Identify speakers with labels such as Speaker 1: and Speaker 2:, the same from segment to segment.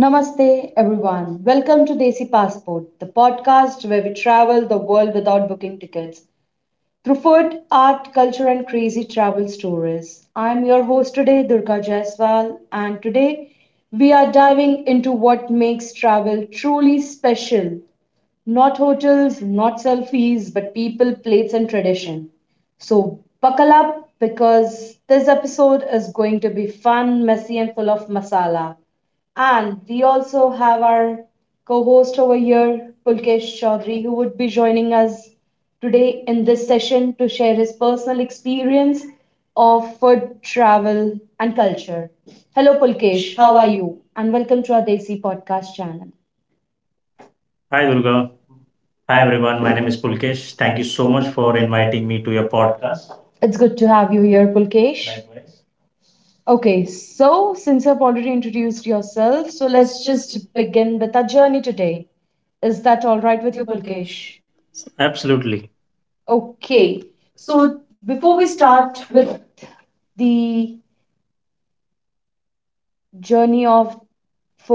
Speaker 1: Namaste, everyone. Welcome to Desi Passport, the podcast where we travel the world without booking tickets through food, art, culture, and crazy travel stories. I'm your host today, Durga Jaiswal, and today we are diving into what makes travel truly special, not hotels, not selfies, but people, plates, and tradition. So buckle up because this episode is going to be fun, messy, and full of masala. And we also have our co host over here, Pulkesh Chaudhary, who would be joining us today in this session to share his personal experience of food, travel, and culture. Hello, Pulkesh. How are you? And welcome to our Desi podcast channel.
Speaker 2: Hi, Durga. Hi, everyone. My name is Pulkesh. Thank you so much for inviting me to your podcast.
Speaker 1: It's good to have you here, Pulkesh. Okay, so since you've already introduced yourself, so let's just begin with our journey today. Is that all right with you, Pulkesh?
Speaker 2: Absolutely.
Speaker 1: Okay, so before we start with the journey of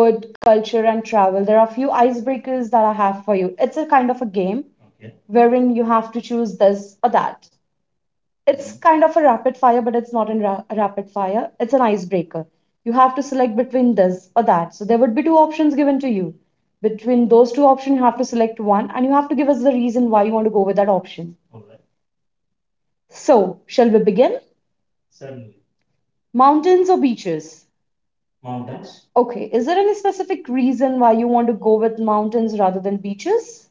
Speaker 1: food, culture, and travel, there are a few icebreakers that I have for you. It's a kind of a game wherein you have to choose this or that. It's kind of a rapid fire, but it's not in a rapid fire. It's an icebreaker. You have to select between this or that. So there would be two options given to you. Between those two options, you have to select one and you have to give us the reason why you want to go with that option. So, shall we begin? Mountains or beaches? Okay, is there any specific reason why you want to go with mountains rather than beaches?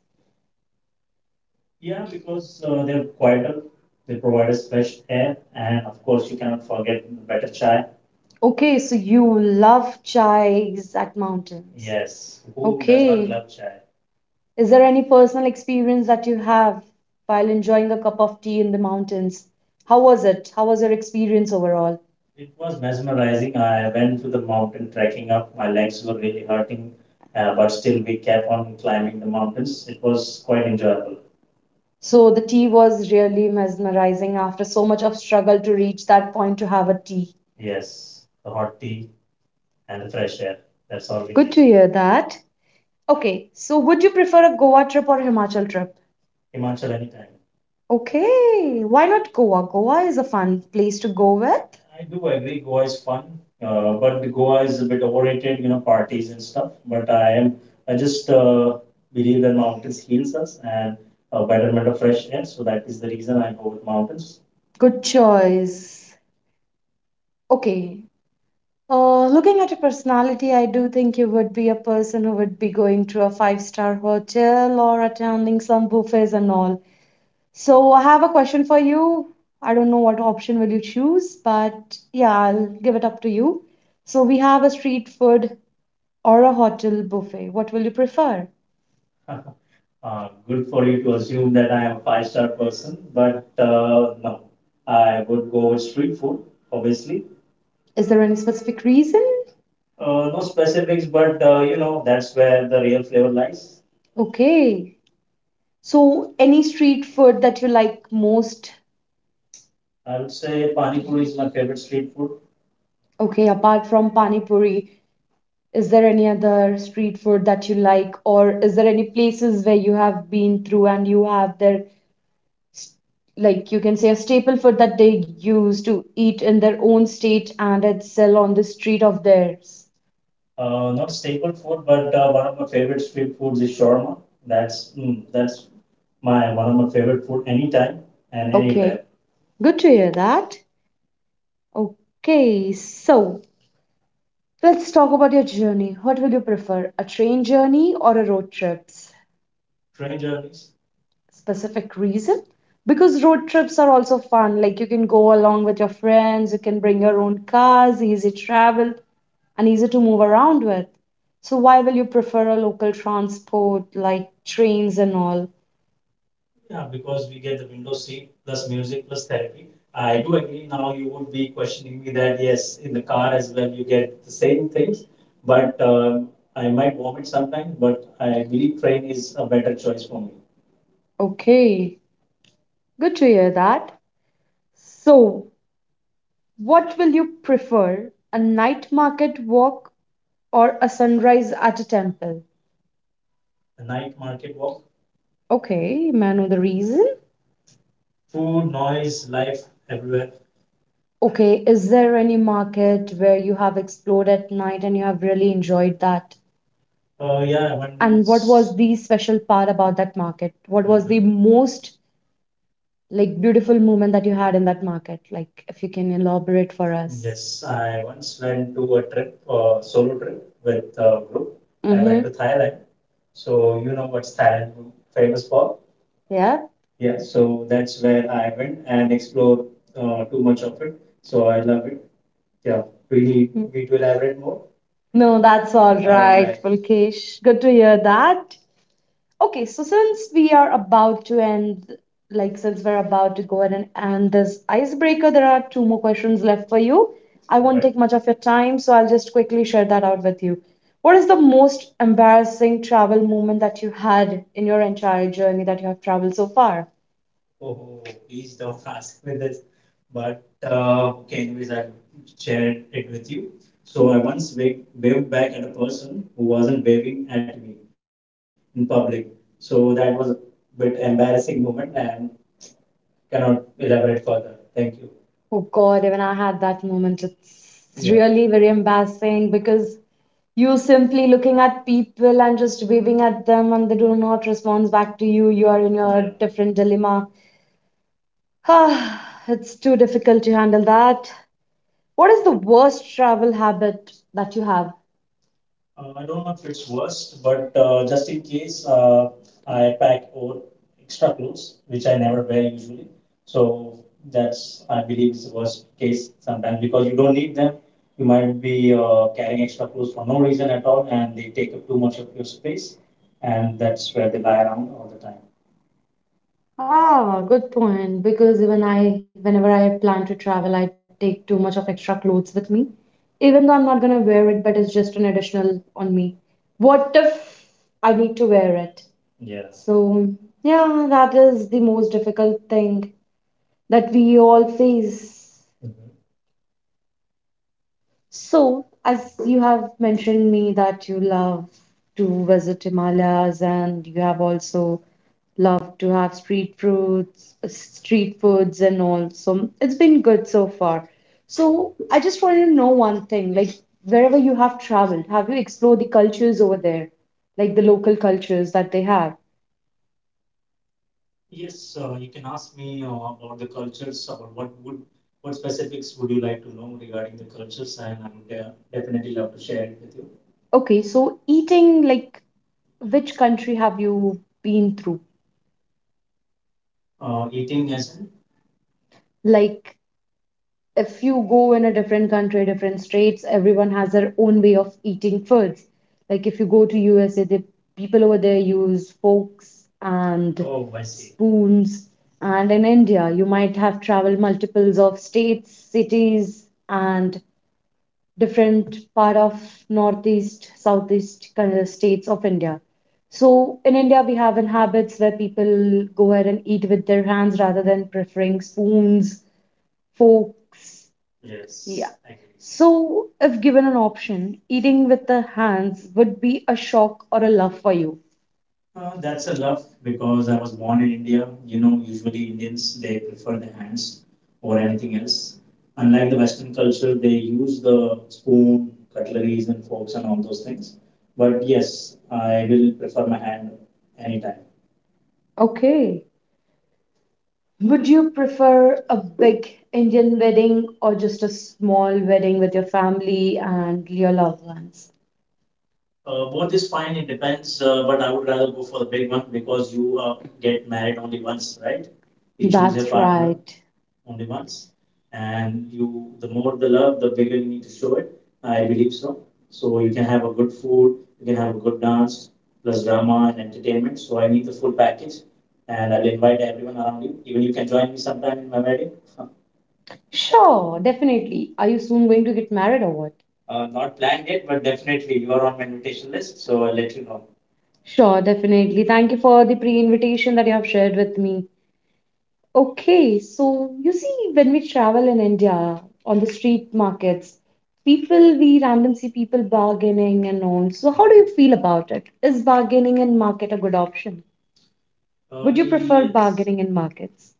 Speaker 1: Okay, so you love chais at mountains. Okay. Is there any personal experience that you have while enjoying a cup of tea in the mountains? How was it? How was your experience overall? So, the tea was really mesmerizing after so much of struggle to reach that point to have a tea. Good to hear that. Okay, so would you prefer a Goa trip or Himachal trip? Okay, why not Goa? Goa is a fun place to go with. Good choice. Okay, Looking at your personality, I do think you would be a person who would be going to a five-star hotel or attending some buffets and all. So I have a question for you. I don't know what option will you choose, but yeah, I'll give it up to you. So we have a street food or a hotel buffet. What will you prefer? Is there any specific reason? Okay. So any street food that you like most? Okay, apart from pani puri. Is there any other street food that you like, or is there any places where you have been through and you have their, like you can say, a staple food that they use to eat in their own state and it's sell on the street of theirs? Okay, good to hear that. Okay, so let's talk about your journey. What will you prefer, a train journey or a road trips? Specific reason, because road trips are also fun, like you can go along with your friends, you can bring your own cars, easy travel and easy to move around with. So why will you prefer a local transport like trains and all? Okay, good to hear that. So what will you prefer, a night market walk or a sunrise at a temple? Okay, may I know the reason? Okay, is there any market where you have explored at night and you have really enjoyed that? And what was the special part about that market? What was the most, like, beautiful moment that you had in that market? Like, if you can elaborate for us. Mm-hmm. Mm-hmm. Yeah. Mm. No, that's all. All right, Pulkesh. Good to hear that. Okay, so since we are about to end, like since we're about to go ahead and end this icebreaker, there are two more questions left for you. I won't, right, take much of your time, so I'll just quickly share that out with you. What is the most embarrassing travel moment that you had in your entire journey that you have traveled so far? Oh God, even I had that moment. It's, yeah, really very embarrassing because you simply looking at people and just waving at them and they do not respond back to you. You are in your, yeah, different dilemma. Ah, it's too difficult to handle that. What is the worst travel habit that you have? Ah, good point. Because even I, whenever I plan to travel, I take too much of extra clothes with me. Even though I'm not gonna wear it, but it's just an additional on me. What if I need to wear it? So, yeah, that is the most difficult thing that we all face. So, as you have mentioned me that you love to visit Himalayas and you have also loved to have street foods, and all. So it's been good so far. So I just wanted to know one thing, like wherever you have traveled, have you explored the cultures over there, like the local cultures that they have? Okay, so eating, like which country have you been through? Like if you go in a different country, different states, everyone has their own way of eating foods. Like if you go to USA, the people over there use forks and spoons. And in India, you might have traveled multiples of states, cities, and different part of northeast, southeast kind of states of India. So in India, we have in habits where people go ahead and eat with their hands rather than preferring spoons forks. Yeah. I So, if given an option, eating with the hands would be a shock or a love for you. Okay. Would you prefer a big Indian wedding or just a small wedding with your family and your loved ones? That's right. Sure, definitely. Are you soon going to get married or what? Sure, definitely. Thank you for the pre invitation that you have shared with me. Okay, so you see, when we travel in India on the street markets, people we randomly see people bargaining and all. So, how do you feel about it? Is bargaining in market a good option? Would you prefer bargaining in markets?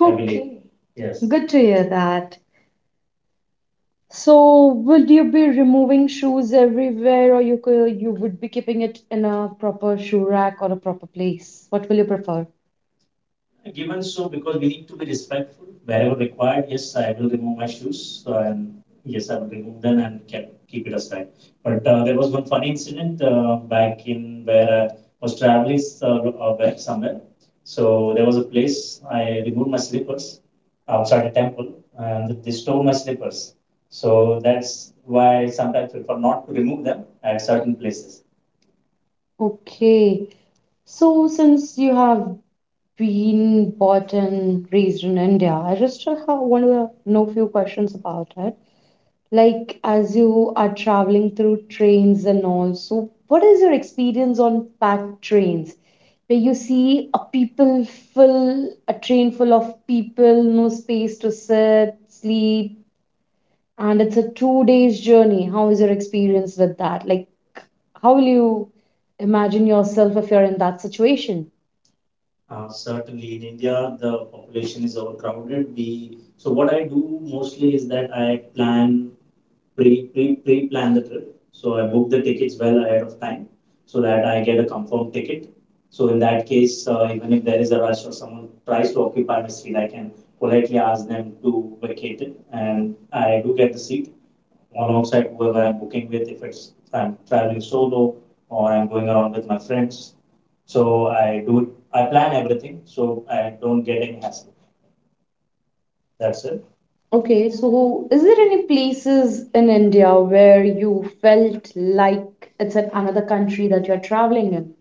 Speaker 1: Okay, good to hear that. So, would you be removing shoes everywhere, or you would be keeping it in a proper shoe rack or a proper place? What will you prefer? Okay. So since you have been born and raised in India, I just want to know few questions about it. Like as you are traveling through trains and all, so what is your experience on packed trains? Where you see a people full, a train full of people, no space to sit, sleep, and it's a 2 days journey. How is your experience with that? Like, how will you imagine yourself if you're in that situation? Okay, so is there any places in India where you felt like it's in another country that you're traveling in?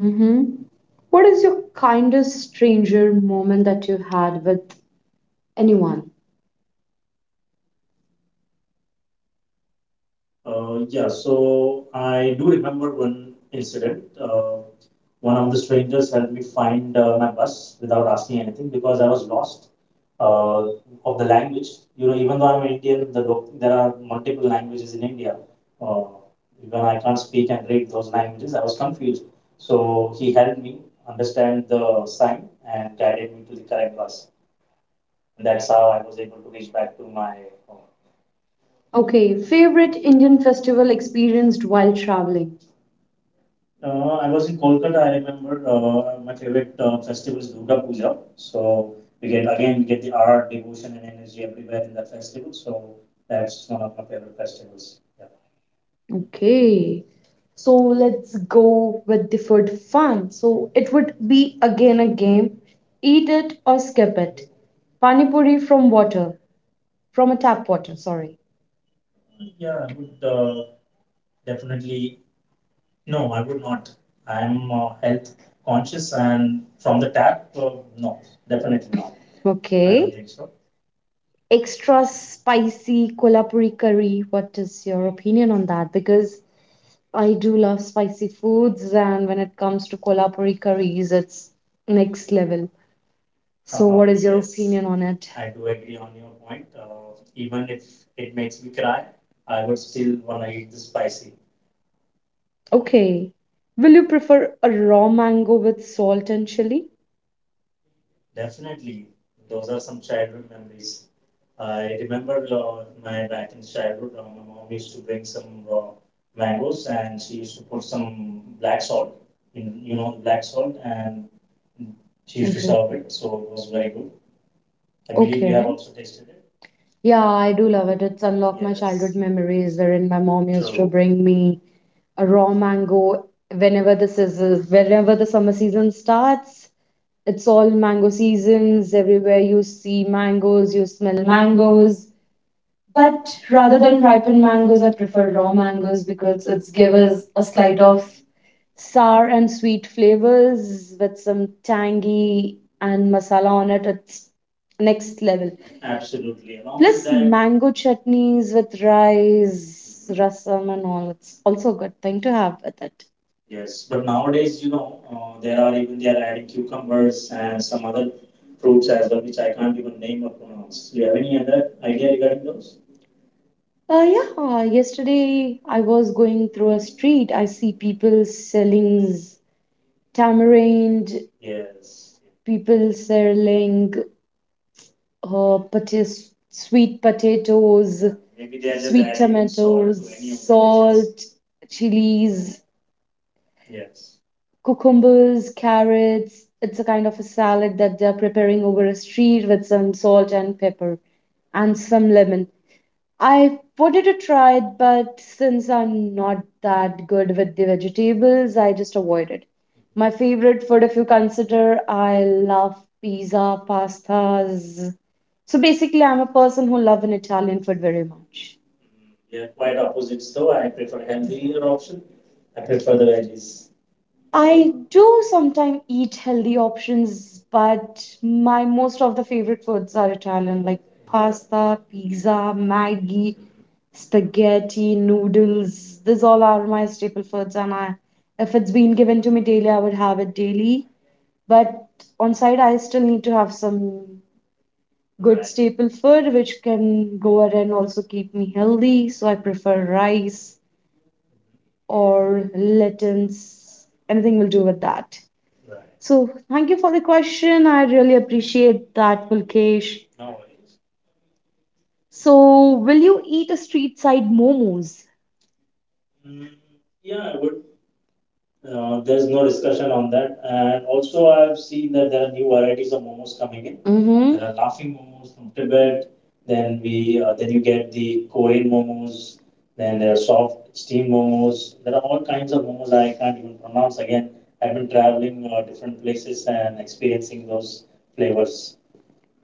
Speaker 1: Mm-hmm. What is your kindest stranger moment that you had with anyone? Okay, favorite Indian festival experienced while traveling. Okay. So let's go with deferred fun. So it would be again a game. Eat it or skip it. Panipuri from water, from a tap water, sorry. I don't, okay, think so. Extra spicy kolhapuri curry. What is your opinion on that? Because I do love spicy foods, and when it comes to kolhapuri curries, it's next level. So what is your opinion on it? Okay. Will you prefer a raw mango with salt and chili? Okay. Okay. Yeah, I do love it. It's unlocked my childhood, yes, memories wherein my mom used to bring me a raw mango whenever the season, whenever the summer season starts. It's all mango seasons. Everywhere you see mangoes, you smell mangoes. But rather than ripened mangoes, I prefer raw mangoes because it's give us a slight of sour and sweet flavors with some tangy and masala on it. It's next level. Plus mango chutneys with rice, rasam and all. It's also a good thing to have with it. Yeah, yesterday I was going through a street. I see people selling tamarind, people selling sweet potatoes. Maybe they're just sweet adding salt to any tomatoes, of the dishes, salt, chilies, cucumbers, carrots. It's a kind of a salad that they're preparing over a street with some salt and pepper and some lemon. I wanted to try it, but since I'm not that good with the vegetables, I just avoid it. My favorite food, if you consider, I love pizza, pastas. So basically, I'm a person who love an Italian food very much. I do sometimes eat healthy options, but my most of the favorite foods are Italian, like pasta, pizza, Maggi, spaghetti, noodles. These all are my staple foods, and I, if it's been given to me daily, I would have it daily. But on side, I still need to have some good staple food, which can go ahead and also keep me healthy. So I prefer rice or lentils. Anything will do with that. So, thank you for the question. I really appreciate that, Pulkesh. So, will you eat a street side momos? Mm-hmm. There are laughing momos from Tibet.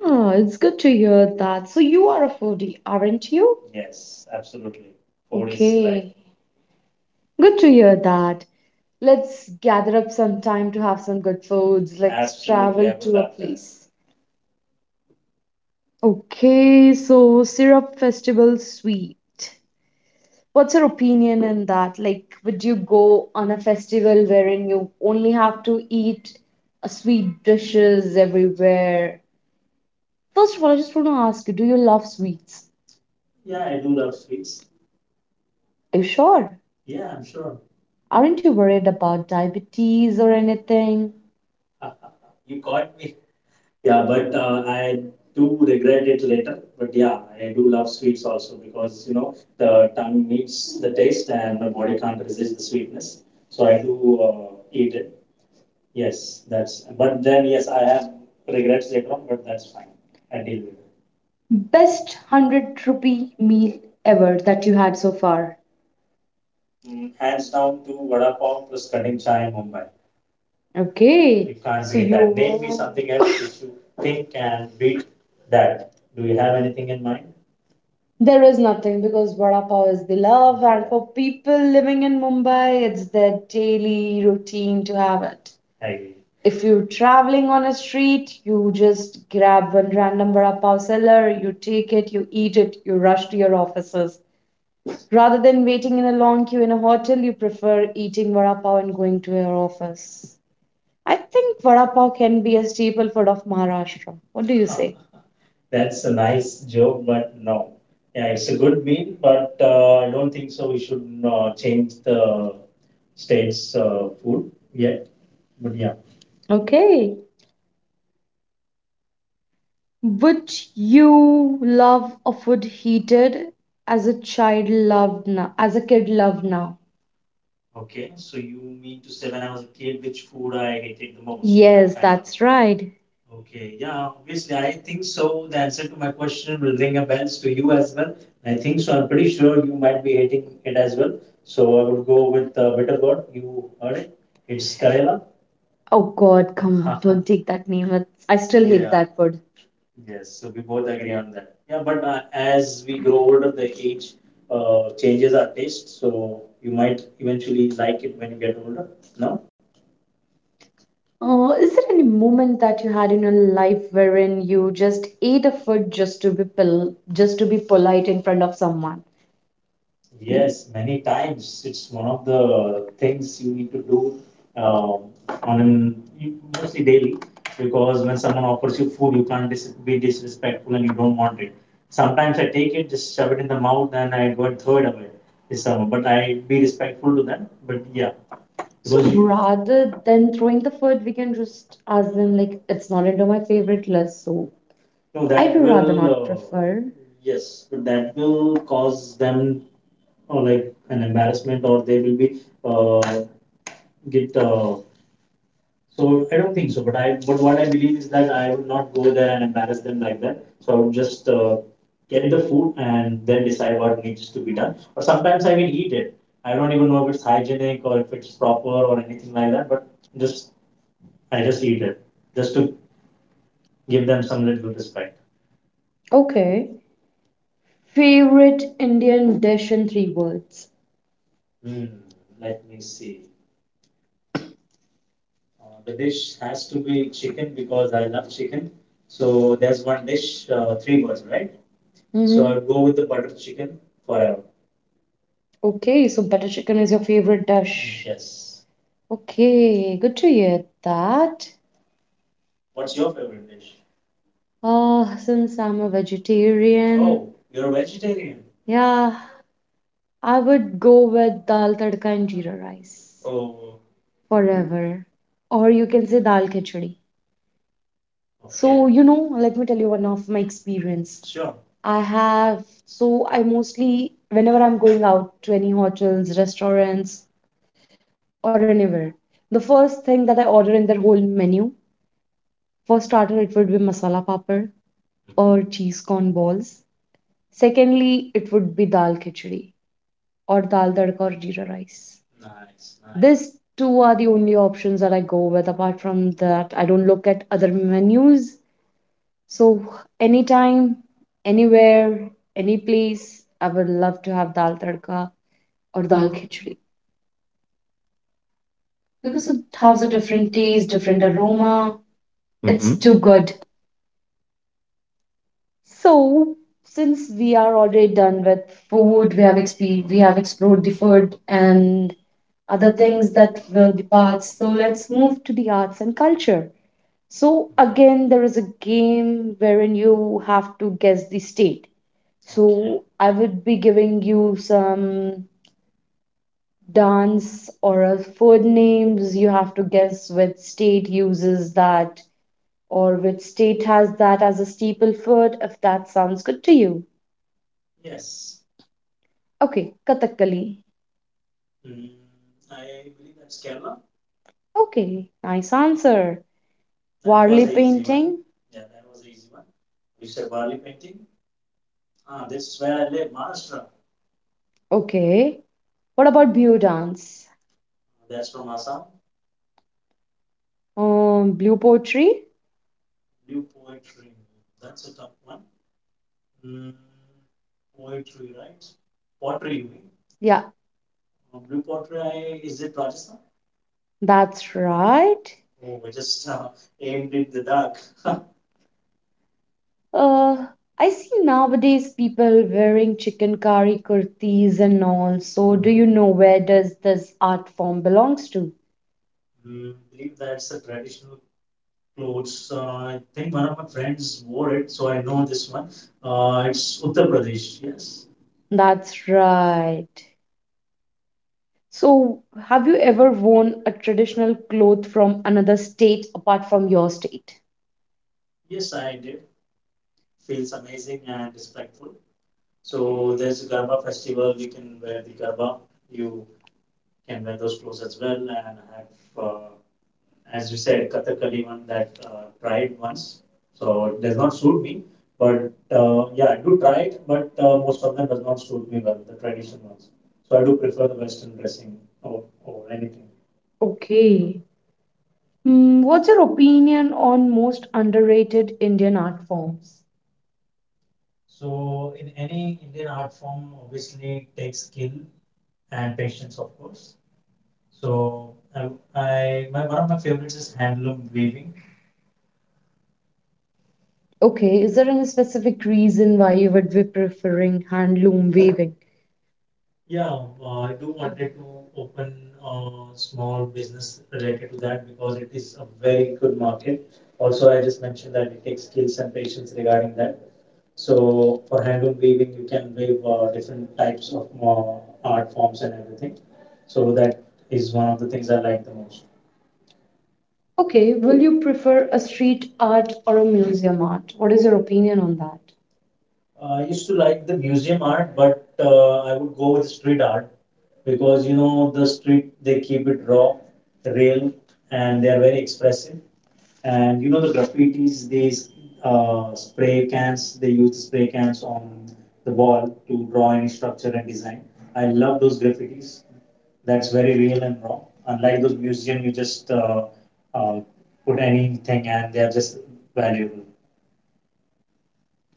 Speaker 1: Oh, it's good to hear that. So, you are a foodie, aren't you? Yes, absolutely. Food is life. Okay. Good to hear that. Let's gather up some time to have some good foods. Let's Absolutely, travel I would to a love that. Place. Okay, so syrup festival sweet. What's your opinion in that? Like, would you go on a festival wherein you only have to eat sweet dishes everywhere? First of all, I just want to ask you, do you love sweets? Are you sure? Aren't you worried about diabetes or anything? Best 100 rupee meal ever that you had so far. Okay. So there is nothing because vada pav is the love, and for people living in Mumbai, it's their daily routine to have it. If you're traveling on a street, you just grab one random vada pav seller, you take it, you eat it, you rush to your offices. Rather than waiting in a long queue in a hotel, you prefer eating vada pav and going to your office. I think vada pav can be a staple food of Maharashtra. What do you say? Okay. Would you love a food heated as a child loved now, as a kid loved now? Yes, that's right. Oh God, come on, don't take that name. It's, I still hate that word. Oh, is there any moment that you had in your life wherein you just ate a food just to be polite in front of someone? So rather than throwing the food, we can just ask them like it's not into my favorite list, so I would rather not will, prefer. Okay. Favorite Indian dish in three words. So mhm. Okay, so butter chicken is your favorite dish. Okay, good to hear that. Since I'm a vegetarian, yeah, I would go with dal tadka and jeera rice forever. Or you can say dal khichdi. So, okay. You know, let me tell you one of my experience. I have, so I mostly, whenever I'm going out to any hotels, restaurants, or anywhere, the first thing that I order in their whole menu, for starter, it would be masala papad or cheese corn balls. Secondly, it would be dal khichdi, or dal tadka or jeera rice. These two are the only options that I go with. Apart from that, I don't look at other menus. So anytime, anywhere, any place, I would love to have dal tadka or dal khichdi because it has a different taste, different aroma. It's
Speaker 2: Mhm.
Speaker 1: too good. So, since we are already done with food, we have explored the food and other things that were the parts. So let's move to the arts and culture. So again, there is a game wherein you have to guess the state. Okay. So I would be giving you some dance or a food names. You have to guess which state uses that or which state has that as a staple food, if that sounds good to you. Okay, Kathakali. Okay, nice answer. Warli painting. Okay. What about Blue dance? Blue poetry? Yeah, that's right. Uh, I see nowadays people wearing chicken curry kurtis and all. So do you know where does this art form belongs to? That's right. So have you ever worn a traditional cloth from another state apart from your state? Okay. Hmm, what's your opinion on most underrated Indian art forms? Okay, is there any specific reason why you would be preferring handloom weaving? Okay, will you prefer a street art or a museum art? What is your opinion on that?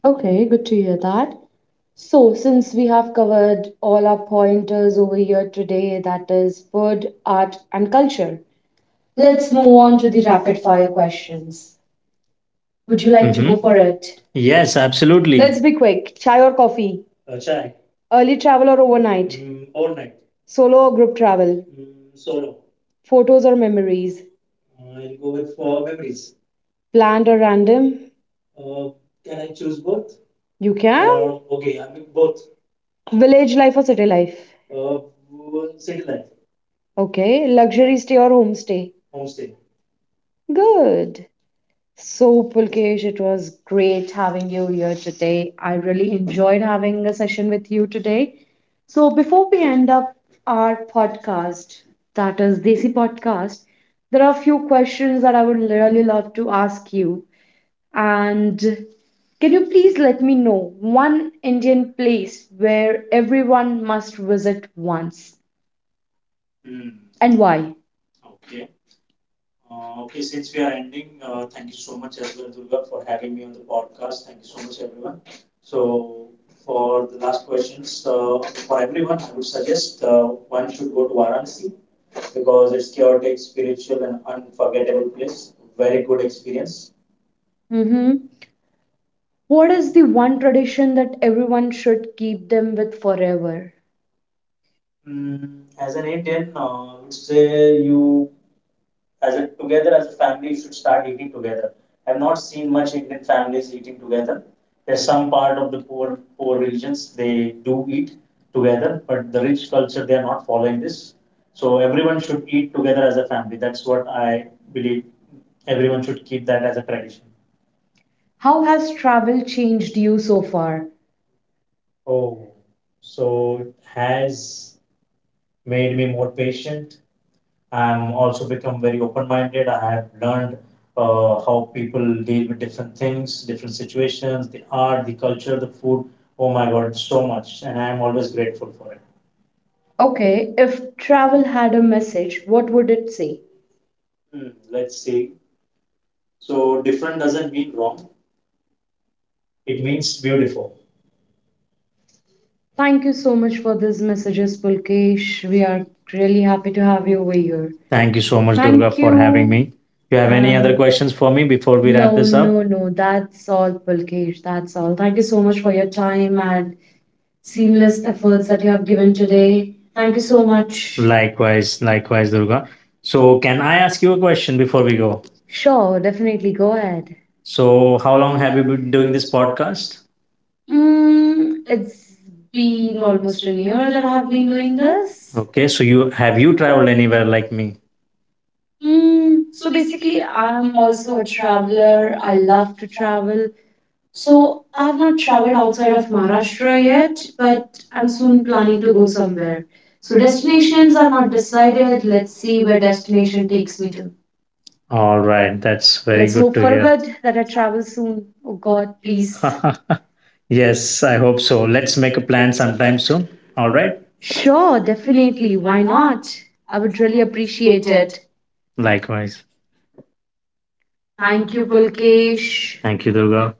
Speaker 1: Okay, good to hear that. So, since we have covered all our pointers over here today, that is food, art, and culture, let's move on to the rapid fire questions. Would you like to go
Speaker 2: Mhm.
Speaker 1: for
Speaker 2: Mhm.
Speaker 1: it?
Speaker 2: Yes, absolutely.
Speaker 1: Let's be quick. Chai or coffee? Early travel or overnight? Solo or group travel? Photos or memories? Planned or random? You can? Village life or city life? Okay. Luxury stay or homestay? Good. So, Pulkesh, it was great having you here today. I really enjoyed having a session with you today. So, before we end up our podcast, that is Desi Podcast, there are a few questions that I would really love to ask you. And can you please let me know one Indian place where everyone must visit once and why? Mhm. What is the one tradition that everyone should keep them with forever? How has travel changed you so far? Okay, if travel had a message, what would it say? Thank you so much for these messages, Pulkesh. We are really happy to have you over here.
Speaker 2: Thank you so much, Durga,
Speaker 1: Thank
Speaker 2: for having
Speaker 1: you.
Speaker 2: me. You have any
Speaker 1: And-
Speaker 2: other questions for me before we wrap
Speaker 1: no,
Speaker 2: this up?
Speaker 1: no,
Speaker 2: No.
Speaker 1: no. That's all, Pulkesh. That's all. Thank you so much for your time and seamless efforts that you have given today. Thank you so much.
Speaker 2: Likewise, likewise, Durga. So, can I ask you a question before we go?
Speaker 1: Sure, definitely. Go ahead.
Speaker 2: So, how long have you been doing this podcast?
Speaker 1: Mm, it's been almost a year that I have been doing this.
Speaker 2: Okay, so you have you traveled
Speaker 1: Traveling.
Speaker 2: anywhere like me?
Speaker 1: Mm, so basically, I'm also a traveler. I love to travel. So I've not traveled outside of Maharashtra yet, but I'm soon planning to go somewhere. So destinations are not decided. Let's see where destination takes me to.
Speaker 2: All
Speaker 1: Oh,
Speaker 2: right, that's
Speaker 1: that's very
Speaker 2: very
Speaker 1: Let's
Speaker 2: good
Speaker 1: hope
Speaker 2: to
Speaker 1: for a
Speaker 2: hear.
Speaker 1: good that I travel soon. Oh God, please.
Speaker 2: Yes, I hope so. Let's make a plan sometime soon. All right,
Speaker 1: Sure, definitely. Why not? I would really appreciate it.
Speaker 2: likewise.
Speaker 1: Thank you, Pulkesh.
Speaker 2: Thank you, Durga.